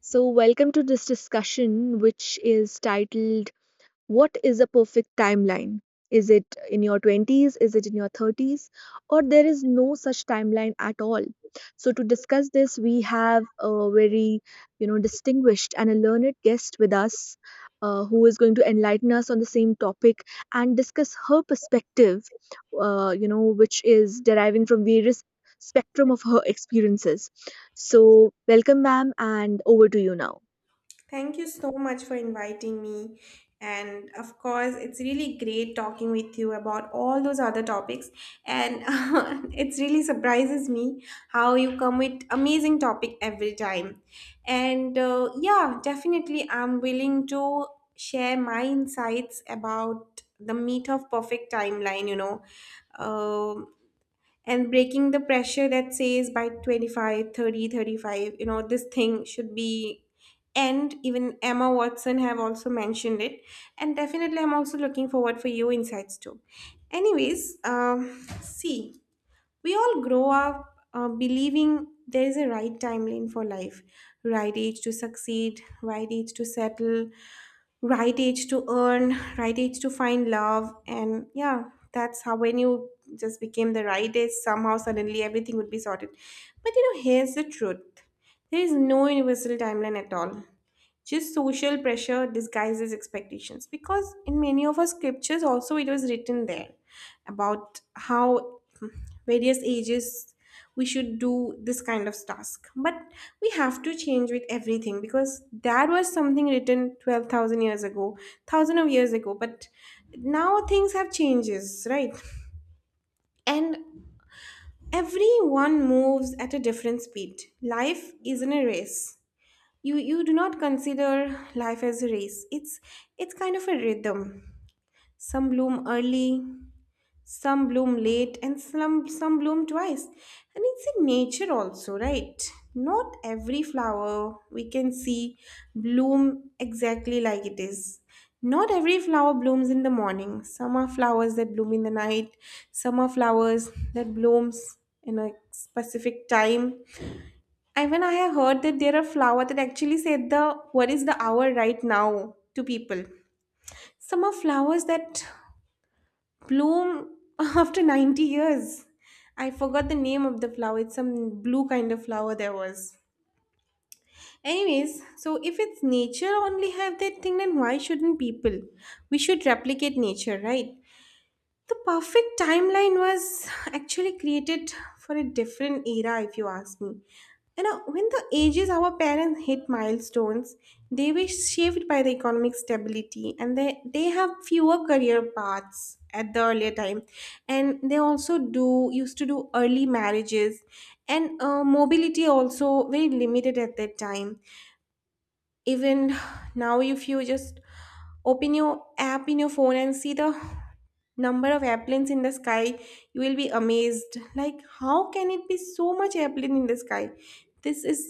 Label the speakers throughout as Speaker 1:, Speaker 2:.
Speaker 1: So, welcome to this discussion, which is titled What is a Perfect Timeline? Is it in your 20s? Is it in your 30s? Or there is no such timeline at all? So, to discuss this, we have a very distinguished and a learned guest with us, who is going to enlighten us on the same topic and discuss her perspective, which is deriving from various spectrum of her experiences. So, welcome, ma'am, and over to you now.
Speaker 2: Thank you so much for inviting me. And of course, it's really great talking with you about all those other topics. And it really surprises me how you come with amazing topic every time. And yeah, definitely, I'm willing to share my insights about the meat of perfect timeline. Um, and breaking the pressure that says by 25, 30, 35, you know this thing should be end. Even Emma Watson have also mentioned it, and definitely I'm also looking forward for your insights too. Anyways, see, we all grow up believing there is a right timeline for life: right age to succeed, right age to settle, right age to earn, right age to find love. And yeah, that's how when you just became the right age, somehow suddenly everything would be sorted. But you know, here's the truth: there is no universal timeline at all, just social pressure disguises expectations, because in many of our scriptures also it was written there about how various ages we should do this kind of task. But we have to change with everything, because that was something written 12000 years ago, thousand of years ago. But now things have changes, right? And everyone moves at a different speed. Life isn't a race. You do not consider life as a race. It's kind of a rhythm. Some bloom early, some bloom late, and some bloom twice, and it's in nature also, right? Not every flower we can see bloom exactly like it is. Not every flower blooms in the morning. Some are flowers that bloom in the night, some are flowers that blooms in a specific time. Even I have heard that there are flowers that actually say the what is the hour right now to people. Some are flowers that bloom after 90 years. I forgot the name of the flower. It's some blue kind of flower there was. Anyways, so if it's nature only have that thing, then why shouldn't people? We should replicate nature, right? The perfect timeline was actually created for a different era, if you ask me. You know, when the ages our parents hit milestones, they were shaped by the economic stability, and they have fewer career paths at the earlier time. And they also do used to do early marriages, and mobility also very limited at that time. Even now, if you just open your app in your phone and see the number of airplanes in the sky, you will be amazed like how can it be so much airplane in the sky. This is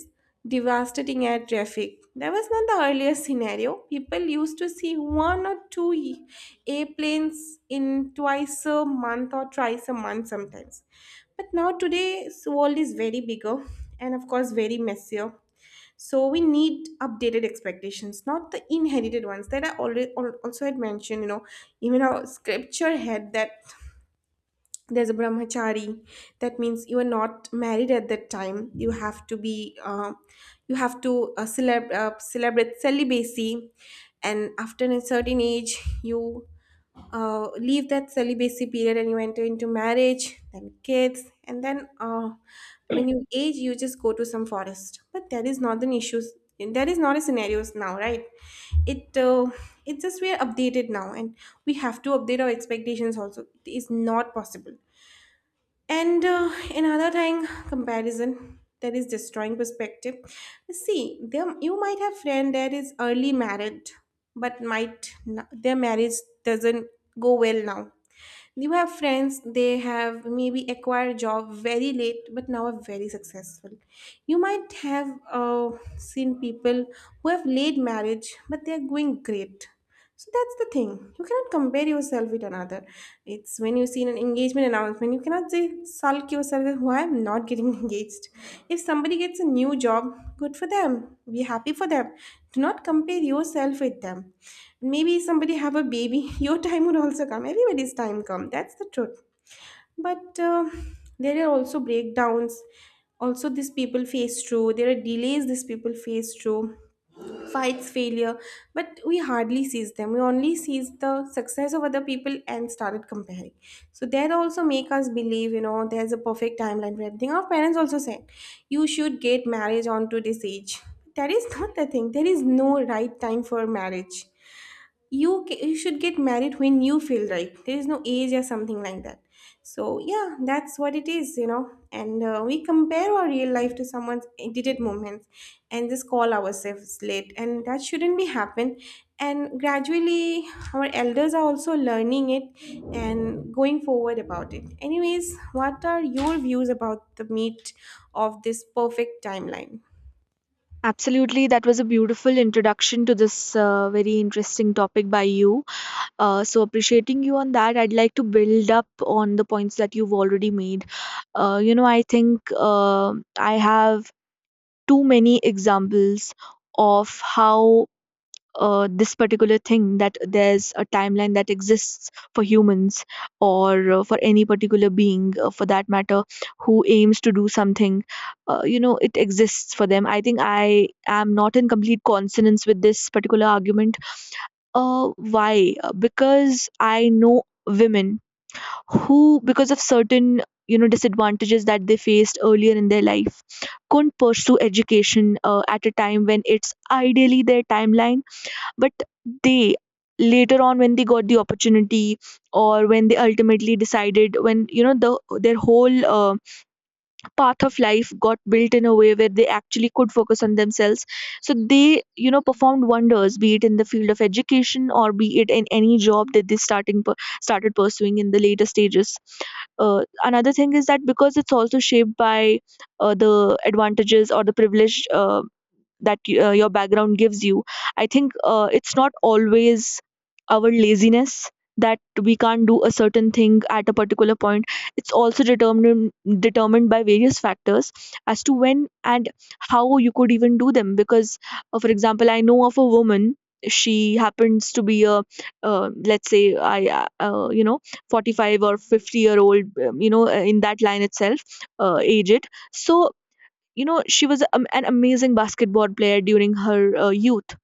Speaker 2: devastating air traffic. That was not the earlier scenario. People used to see one or two airplanes in twice a month or thrice a month sometimes, but now today's world is very bigger, and of course very messier. So we need updated expectations, not the inherited ones, that I already also had mentioned, you know. Even our scripture had that. There's a brahmachari. That means you are not married. At that time you have to be, you have to celebrate celibacy, and after a certain age you leave that celibacy period and you enter into marriage, then kids, and then when you age you just go to some forest. But that is not an issue. That is not a scenarios now, right? It uh, it's just we are updated now, and we have to update our expectations also. It is not possible. And another thing, comparison that is destroying perspective. See, there you might have friend that is early married, but might n their marriage doesn't go well now. You have friends, they have maybe acquired job very late but now are very successful. You might have seen people who have late marriage but they are going great. So that's the thing. You cannot compare yourself with another. It's when you see an engagement announcement, you cannot say sulk yourself that why I'm not getting engaged. If somebody gets a new job, good for them. Be happy for them. Do not compare yourself with them. Maybe somebody have a baby your time would also come, everybody's time come, that's the truth. But there are also breakdowns also these people face through, there are delays these people face through, fights, failure, but we hardly sees them. We only sees the success of other people and started comparing. So that also make us believe, you know, there's a perfect timeline for everything. Our parents also said you should get marriage on to this age. That is not the thing. There is no right time for marriage. You should get married when you feel right. There is no age or something like that. So yeah, that's what it is, you know, and we compare our real life to someone's edited moments and just call ourselves late, and that shouldn't be happen. And gradually our elders are also learning it and going forward about it. Anyways, what are your views about the meat of this perfect timeline?
Speaker 1: Absolutely, that was a beautiful introduction to this very interesting topic by you. So appreciating you on that, I'd like to build up on the points that you've already made. I think I have too many examples of how this particular thing that there's a timeline that exists for humans or for any particular being, for that matter, who aims to do something. It exists for them. I think I am not in complete consonance with this particular argument. uh, why? Because I know women who, because of certain, you know, disadvantages that they faced earlier in their life, couldn't pursue education at a time when it's ideally their timeline, but they, later on, when they got the opportunity, or when they ultimately decided, when you know their whole path of life got built in a way where they actually could focus on themselves, so they, you know, performed wonders, be it in the field of education or be it in any job that they started pursuing in the later stages. uh, Another thing is that because it's also shaped by the advantages or the privilege that your background gives you. I think it's not always our laziness that we can't do a certain thing at a particular point. It's also determined by various factors as to when and how you could even do them. Because for example, I know of a woman. She happens to be a, let's say, I you know, 45 or 50-year old, you know, in that line itself, aged. So, you know, she was, an amazing basketball player during her youth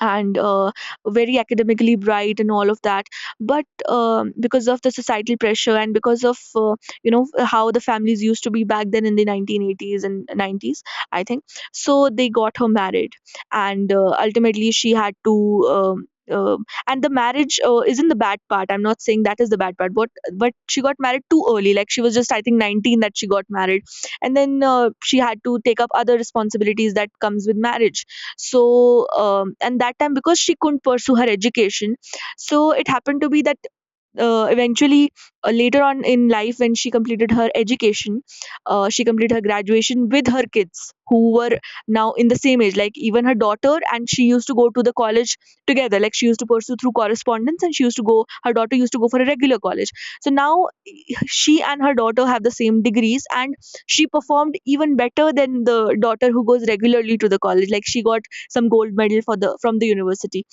Speaker 1: and, very academically bright and all of that. But because of the societal pressure and because of you know how the families used to be back then in the 1980s and 90s, I think. So they got her married, and ultimately she had to and the marriage isn't the bad part, I'm not saying that is the bad part, but she got married too early. Like, she was just, I think, 19 that she got married. And then she had to take up other responsibilities that comes with marriage. So and that time, because she couldn't pursue her education, so it happened to be that, eventually, later on in life, when she completed her education, she completed her graduation with her kids, who were now in the same age. Like, even her daughter and she used to go to the college together. Like, she used to pursue through correspondence and she used to go, her daughter used to go for a regular college. So now she and her daughter have the same degrees, and she performed even better than the daughter who goes regularly to the college. Like, she got some gold medal for the from the university.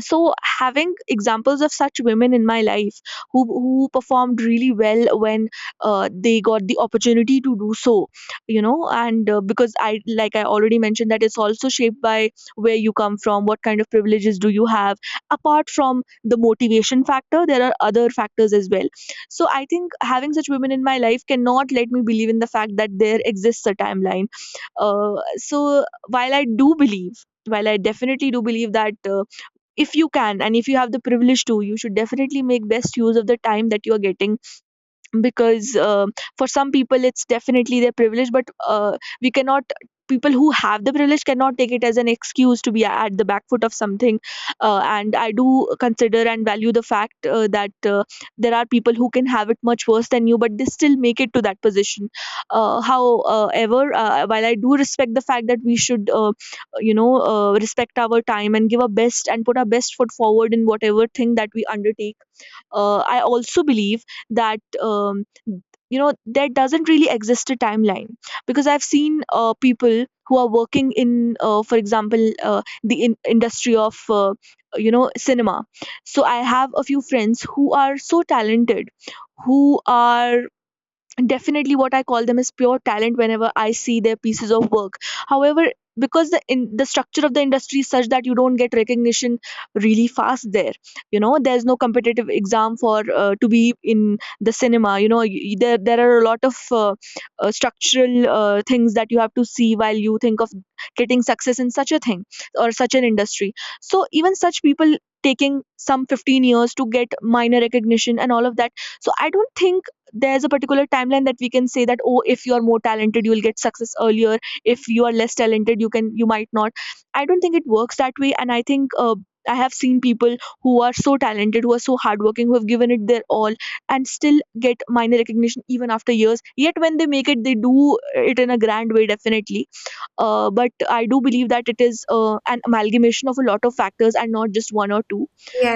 Speaker 1: So, having examples of such women in my life, who performed really well when they got the opportunity to do so, you know. And because I, like I already mentioned, that it's also shaped by where you come from, what kind of privileges do you have. Apart from the motivation factor, there are other factors as well. So I think, having such women in my life cannot let me believe in the fact that there exists a timeline. So, while I do believe, while I definitely do believe that if you can and if you have the privilege to, you should definitely make best use of the time that you are getting, because, for some people it's definitely their privilege, but we cannot, people who have the privilege cannot take it as an excuse to be at the back foot of something. And I do consider and value the fact, that there are people who can have it much worse than you, but they still make it to that position. However, while I do respect the fact that we should, respect our time and give our best and put our best foot forward in whatever thing that we undertake, I also believe that, you know, there doesn't really exist a timeline. Because I've seen people who are working in, for example, the industry of, you know, cinema. So I have a few friends who are so talented, who are, definitely what I call them is pure talent whenever I see their pieces of work. However, because the structure of the industry is such that you don't get recognition really fast there. You know, there's no competitive exam for, to be in the cinema. You know, there, are a lot of structural things that you have to see while you think of getting success in such a thing or such an industry. So, even such people taking some 15 years to get minor recognition and all of that. So I don't think there's a particular timeline that we can say that, oh, if you are more talented, you will get success earlier, if you are less talented, you can, you might not. I don't think it works that way. And I think, I have seen people who are so talented, who are so hardworking, who have given it their all, and still get minor recognition even after years, yet when they make it, they do it in a grand way, definitely. But I do believe that it is an amalgamation of a lot of factors and not just one or two.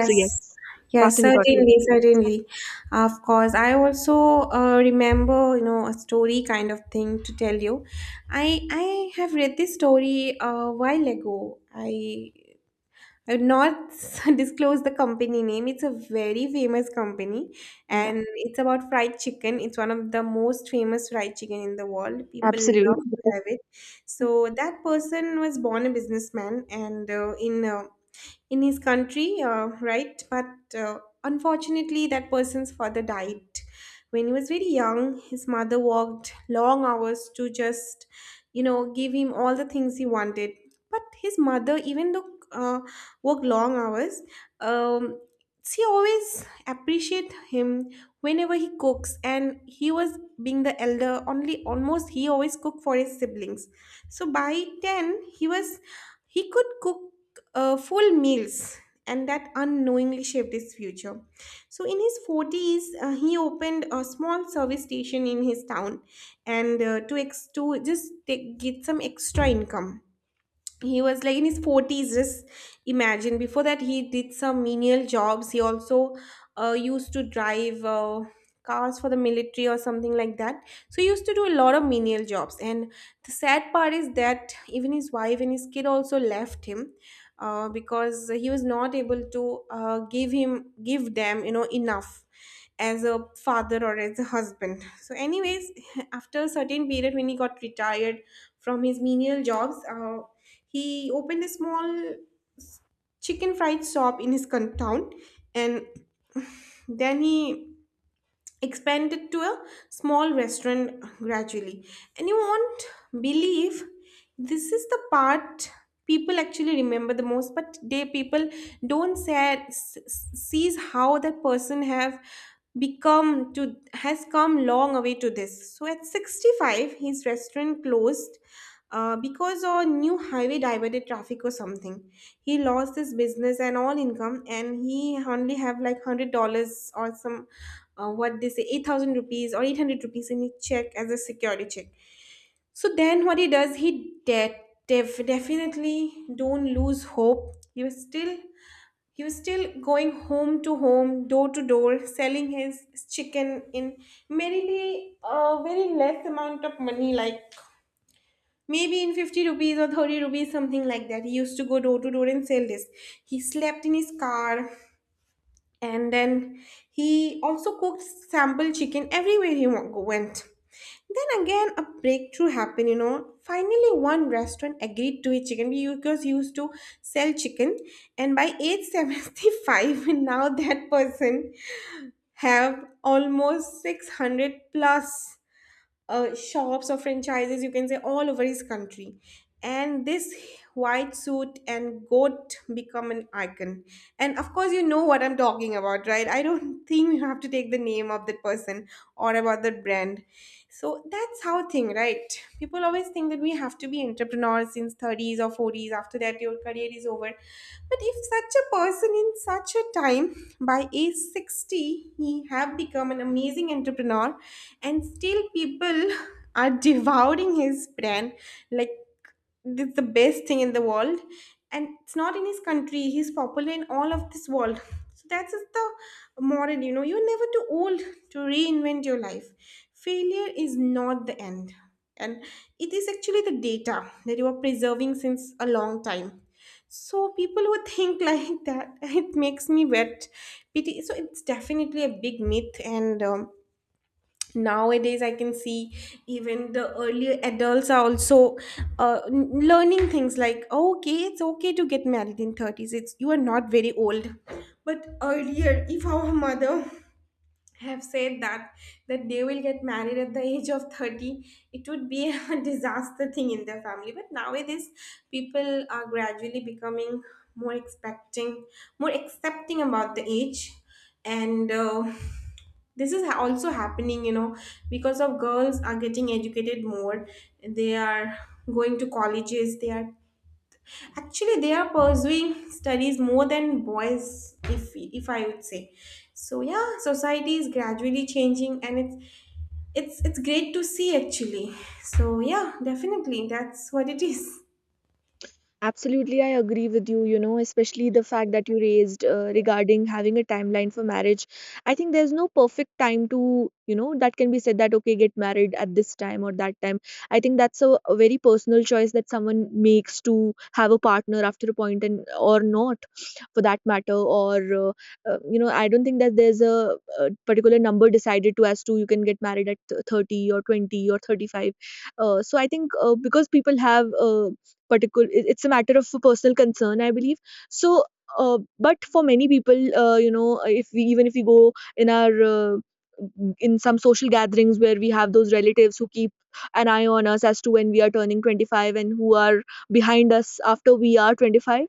Speaker 1: So, yes,
Speaker 2: yes,
Speaker 1: passing it on to you.
Speaker 2: certainly, certainly. Of course, I also remember, you know, a story kind of thing to tell you. I have read this story a while ago. I would not disclose the company name. It's a very famous company,
Speaker 1: Yeah,
Speaker 2: and it's about fried chicken. It's one of the most famous fried chicken in the world. People love
Speaker 1: absolutely.
Speaker 2: to have it. So that person was born a businessman, and in his country, right? But unfortunately, that person's father died when he was very young. His mother worked long hours to just, you know, give him all the things he wanted. But his mother, even though uh, worked long hours, um, she always appreciate him whenever he cooks, and he was being the elder only almost he always cooked for his siblings. So by 10 he was he could cook full meals, and that unknowingly shaped his future. So, in his 40s, he opened a small service station in his town, and to just take, get some extra income. He was like in his 40s. Just imagine, before that he did some menial jobs. He also used to drive cars for the military or something like that. So he used to do a lot of menial jobs, and the sad part is that even his wife and his kid also left him, because he was not able to give them, you know, enough as a father or as a husband. So anyways, after a certain period when he got retired from his menial jobs, he opened a small s- chicken fried shop in his town, and then he expanded to a small restaurant gradually. And you won't believe, this is the part people actually remember the most, but they people don't say, sees how that person have become to has come long away to this. So at 65, his restaurant closed because a new highway diverted traffic or something. He lost his business and all income, and he only have like $100 or some, what they say, 8,000 rupees or 800 rupees in his check as a security check. So then, what he does, definitely don't lose hope. He was still going home to home, door to door, selling his chicken in merely a very less amount of money, like maybe in 50 rupees or 30 rupees, something like that. He used to go door to door and sell this. He slept in his car, and then he also cooked sample chicken everywhere went. Then again, a breakthrough happened, you know. Finally, one restaurant agreed to his chicken because he used to sell chicken. And by age 75, now that person have almost 600 plus shops or franchises, you can say, all over his country. And this white suit and goat become an icon. And of course, you know what I'm talking about, right? I don't think you have to take the name of the person or about the brand. So that's how thing, right? People always think that we have to be entrepreneurs since 30s or 40s. After that, your career is over. But if such a person in such a time, by age 60, he have become an amazing entrepreneur and still people are devouring his brand like it's the best thing in the world. And it's not in his country, he's popular in all of this world. So that's just the moral, you know, you're never too old to reinvent your life. Failure is not the end, and it is actually the data that you are preserving since a long time. So people who think like that, it makes me wet pity. So it's definitely a big myth. And nowadays I can see even the earlier adults are also learning things like, "Oh, okay, it's okay to get married in 30's, it's you are not very old." But earlier, if our mother have said that, that they will get married at the age of 30, it would be a disaster thing in their family. But nowadays people are gradually becoming more expecting, more accepting about the age. And this is also happening, you know, because of girls are getting educated more. They are going to colleges, they are actually, they are pursuing studies more than boys, if I would say. So yeah, society is gradually changing and it's great to see actually. So yeah, definitely that's what it is.
Speaker 1: Absolutely, I agree with you, you know, especially the fact that you raised regarding having a timeline for marriage. I think there's no perfect time to, you know, that can be said that, okay, get married at this time or that time. I think that's a very personal choice that someone makes to have a partner after a point, and or not, for that matter. Or, you know, I don't think that there's a particular number decided to as to you can get married at 30 or 20 or 35. So I think, because people have particular, it's a matter of personal concern, I believe. So, uh, but for many people, you know, if we even if we go in our, in some social gatherings where we have those relatives who keep an eye on us as to when we are turning 25, and who are behind us after we are 25.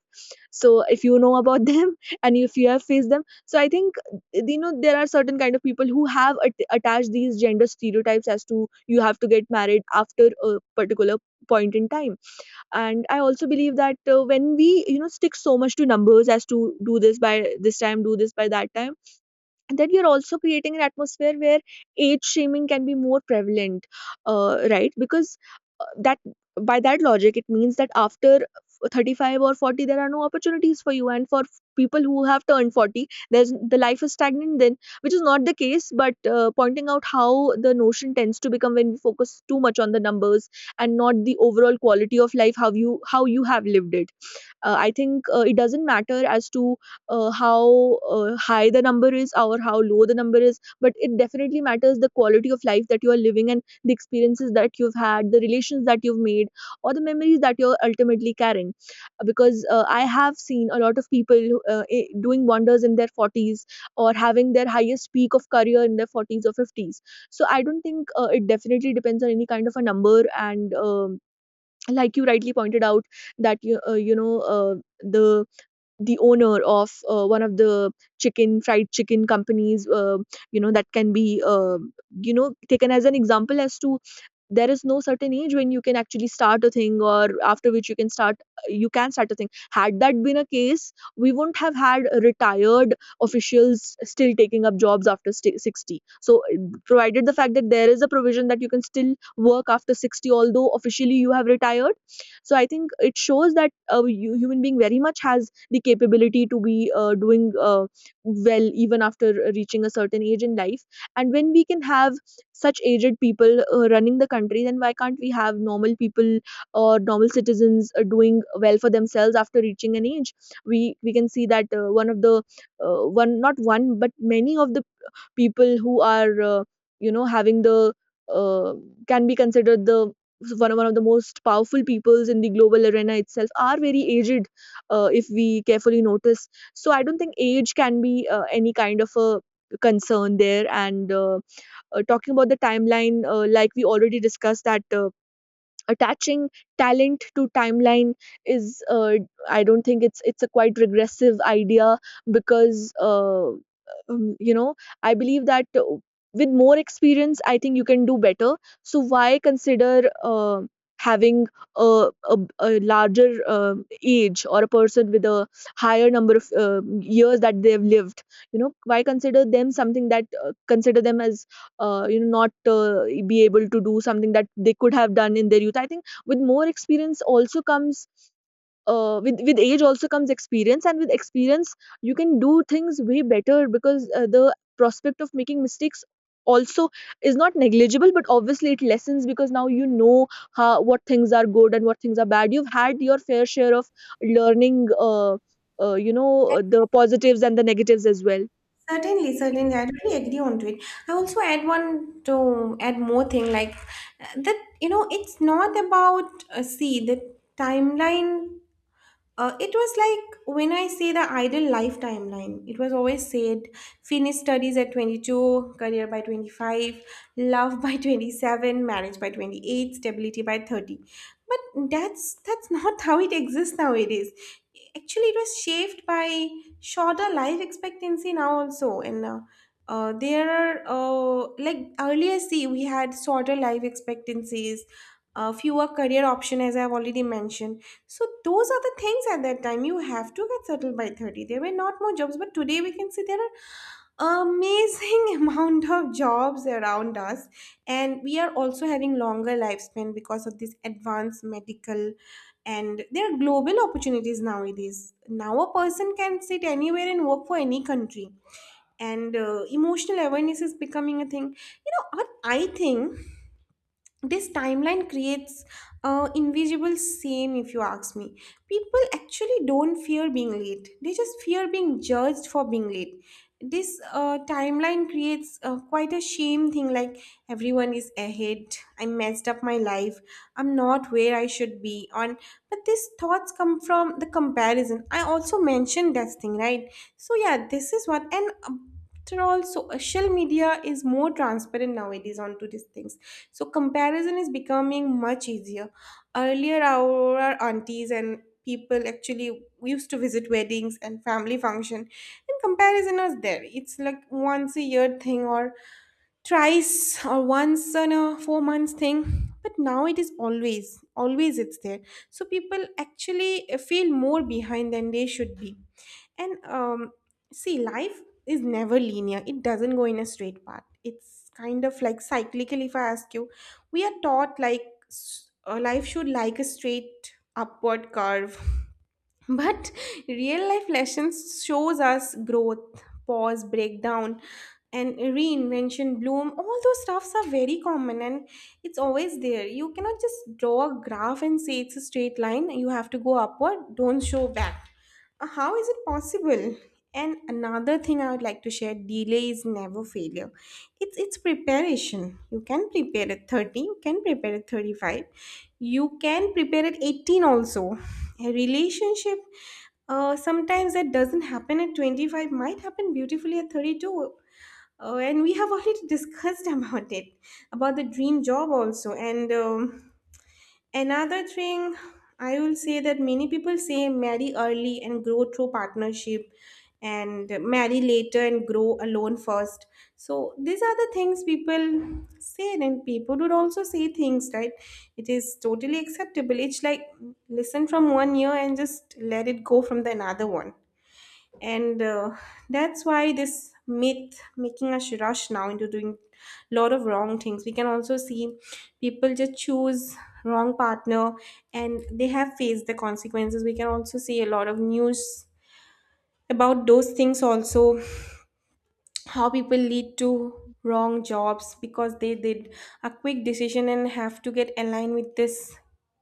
Speaker 1: So if you know about them, and if you have faced them, so I think, you know, there are certain kind of people who have attached these gender stereotypes as to you have to get married after a particular point in time. And I also believe that, when we, you know, stick so much to numbers, as to do this by this time, do this by that time, and then you're also creating an atmosphere where age shaming can be more prevalent, right? Because, that by that logic, it means that after 35 or 40, there are no opportunities for you. And for people who have turned 40, there's, the life is stagnant then, which is not the case. But pointing out how the notion tends to become when we focus too much on the numbers and not the overall quality of life, how you have lived it. I think it doesn't matter as to how high the number is or how low the number is, but it definitely matters, the quality of life that you are living and the experiences that you've had, the relations that you've made or the memories that you're ultimately carrying. Because I have seen a lot of people who, doing wonders in their 40s or having their highest peak of career in their 40s or 50s. So I don't think it definitely depends on any kind of a number. And like you rightly pointed out that you you know the the owner of one of the chicken fried chicken companies, uh, that can be, uh, taken as an example as to there is no certain age when you can actually start a thing, or after which you can start, you can start a thing. Had that been a case, we wouldn't have had retired officials still taking up jobs after 60. So provided the fact that there is a provision that you can still work after 60, although officially you have retired, so I think it shows that a human being very much has the capability to be doing well even after reaching a certain age in life. And when we can have such aged people running the country, then why can't we have normal people or normal citizens doing well for themselves after reaching an age? We can see that one of the one, not one, but many of the people who are, uh, having the uh, can be considered the one of the most powerful peoples in the global arena itself, are very aged, if we carefully notice. So I don't think age can be any kind of a concern there. And talking about the timeline, like we already discussed, that attaching talent to timeline is, I don't think, it's a quite regressive idea. Because um, you know I believe that with more experience, I think you can do better. So why consider, uh, having a, a larger age, or a person with a higher number of years that they've lived, you know, why consider them something that consider them as not be able to do something that they could have done in their youth? I think with more experience also comes, with age also comes experience, and with experience you can do things way better. Because the prospect of making mistakes also is not negligible, but obviously it lessens, because now you know how, what things are good and what things are bad. You've had your fair share of learning, uh, uh, you know the positives and the negatives as well.
Speaker 2: Certainly, certainly, I really agree on to it. I also add one to add more thing like, that you know, it's not about see the timeline. It was like when I say the ideal life timeline, it was always said finish studies at 22, career by 25, love by 27, marriage by 28, stability by 30. But that's not how it exists nowadays. Actually, it was shaped by shorter life expectancy now also. And There are, like earlier, see, we had shorter life expectancies, fewer career option as I've already mentioned. So those are the things, at that time you have to get settled by 30, there were not more jobs. But today we can see there are amazing amount of jobs around us, and we are also having longer lifespan because of this advanced medical. And there are global opportunities nowadays, now a person can sit anywhere and work for any country. And emotional awareness is becoming a thing. You know what I think, this timeline creates invisible shame, if you ask me. People actually don't fear being late, they just fear being judged for being late. This timeline creates quite a shame thing, like everyone is ahead, I messed up my life, I'm not where I should be on. But these thoughts come from the comparison, I also mentioned that thing, right? So yeah, this is what. And after all, social media is more transparent nowadays onto these things, so comparison is becoming much easier. Earlier our aunties and people actually used to visit weddings and family function and comparison is there, it's like once a year thing, or thrice or once in a 4 months thing. But now it is always, always it's there. So people actually feel more behind than they should be. And um, see, life is never linear. It doesn't go in a straight path. It's kind of like cyclical, if I ask you. We are taught like life should like a straight upward curve. But real life lessons shows us growth, pause, breakdown, and reinvention, bloom. All those stuffs are very common and it's always there. You cannot just draw a graph and say it's a straight line. You have to go upward, don't show back. How is it possible? And another thing I would like to share, delay is never failure. It's preparation. You can prepare at 30, you can prepare at 35, you can prepare at 18 also. A relationship sometimes that doesn't happen at 25 might happen beautifully at 32, and we have already discussed about it, about the dream job also. And another thing, I will say that many people say marry early and grow through partnership, and marry later and grow alone first. So these are the things people say, and people would also say things, right? It is totally acceptable. It's like listen from one ear and just let it go from the another one. And that's why this myth making us rush now into doing a lot of wrong things. We can also see people just choose wrong partner and they have faced the consequences. We can also see a lot of news about those things also, how people lead to wrong jobs because they did a quick decision and have to get aligned with this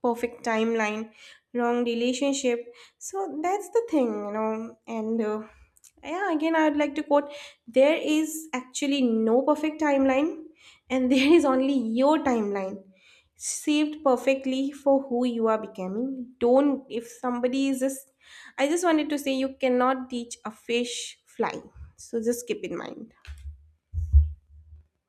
Speaker 2: perfect timeline, wrong relationship. So that's the thing, you know. And yeah, again I would like to quote, there is actually no perfect timeline, and there is only your timeline, saved perfectly for who you are becoming. Don't, if somebody is just, I just wanted to say, you cannot teach a fish fly. So just keep in mind.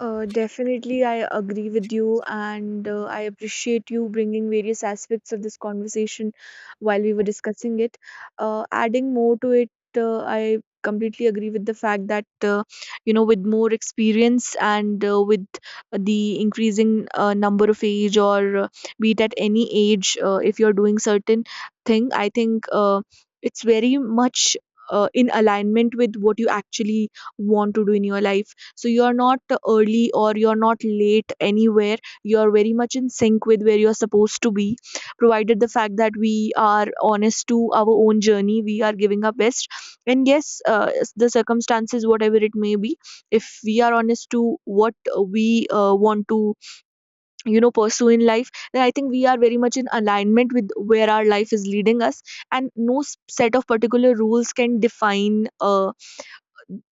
Speaker 1: Definitely, I agree with you, and I appreciate you bringing various aspects of this conversation while we were discussing it. Adding more to it, I completely agree with the fact that, you know, with more experience and with the increasing number of age, or be it at any age, if you're doing certain thing, I think it's very much in alignment with what you actually want to do in your life. So you're not early or you're not late anywhere. You're very much in sync with where you're supposed to be, provided the fact that we are honest to our own journey, we are giving our best. And yes, the circumstances whatever it may be, if we are honest to what we want to, you know, pursue in life, then I think we are very much in alignment with where our life is leading us. And no set of particular rules can define,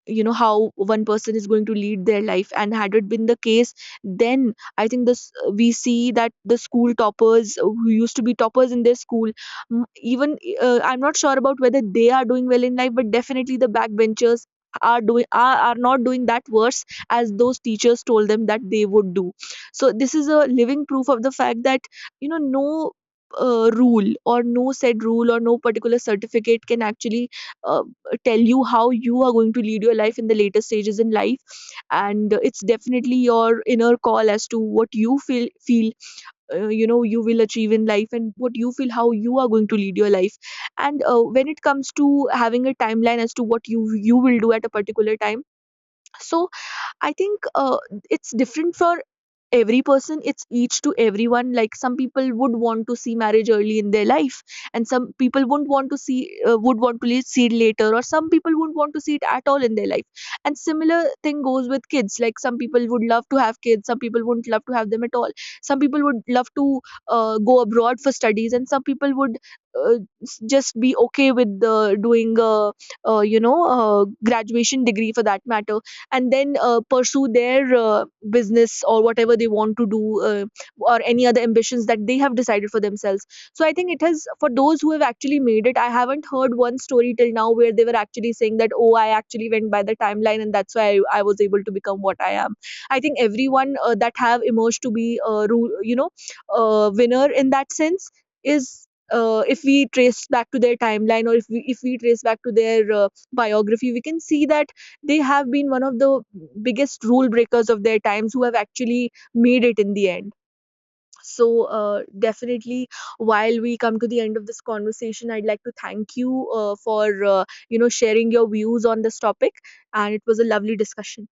Speaker 1: you know, how one person is going to lead their life. And had it been the case, then I think this, we see that the school toppers who used to be toppers in their school, even, I'm not sure about whether they are doing well in life, but definitely the backbenchers are doing, are not doing that worse as those teachers told them that they would do. So this is a living proof of the fact that, you know, no rule, or no said rule, or no particular certificate can actually, uh, tell you how you are going to lead your life in the later stages in life. And it's definitely your inner call as to what you feel you know, you will achieve in life, and what you feel, how you are going to lead your life. And when it comes to having a timeline as to what you will do at a particular time, so I think it's different for every person. It's each to everyone. Like some people would want to see marriage early in their life, and some people wouldn't want to see, would want to see it later, or some people wouldn't want to see it at all in their life. And similar thing goes with kids, like some people would love to have kids, some people wouldn't love to have them at all. Some people would love to go abroad for studies, and some people would just be okay with doing you know graduation degree for that matter, and then pursue their business or whatever they want to do, or any other ambitions that they have decided for themselves. So I think it has, for those who have actually made it, I haven't heard one story till now where they were actually saying that, oh, I actually went by the timeline and that's why I was able to become what I am. I think everyone, that have emerged to be a a winner in that sense, is, if we trace back to their timeline, or if we trace back to their biography, we can see that they have been one of the biggest rule breakers of their times, who have actually made it in the end. So, definitely, while we come to the end of this conversation, I'd like to thank you for sharing your views on this topic, and it was a lovely discussion.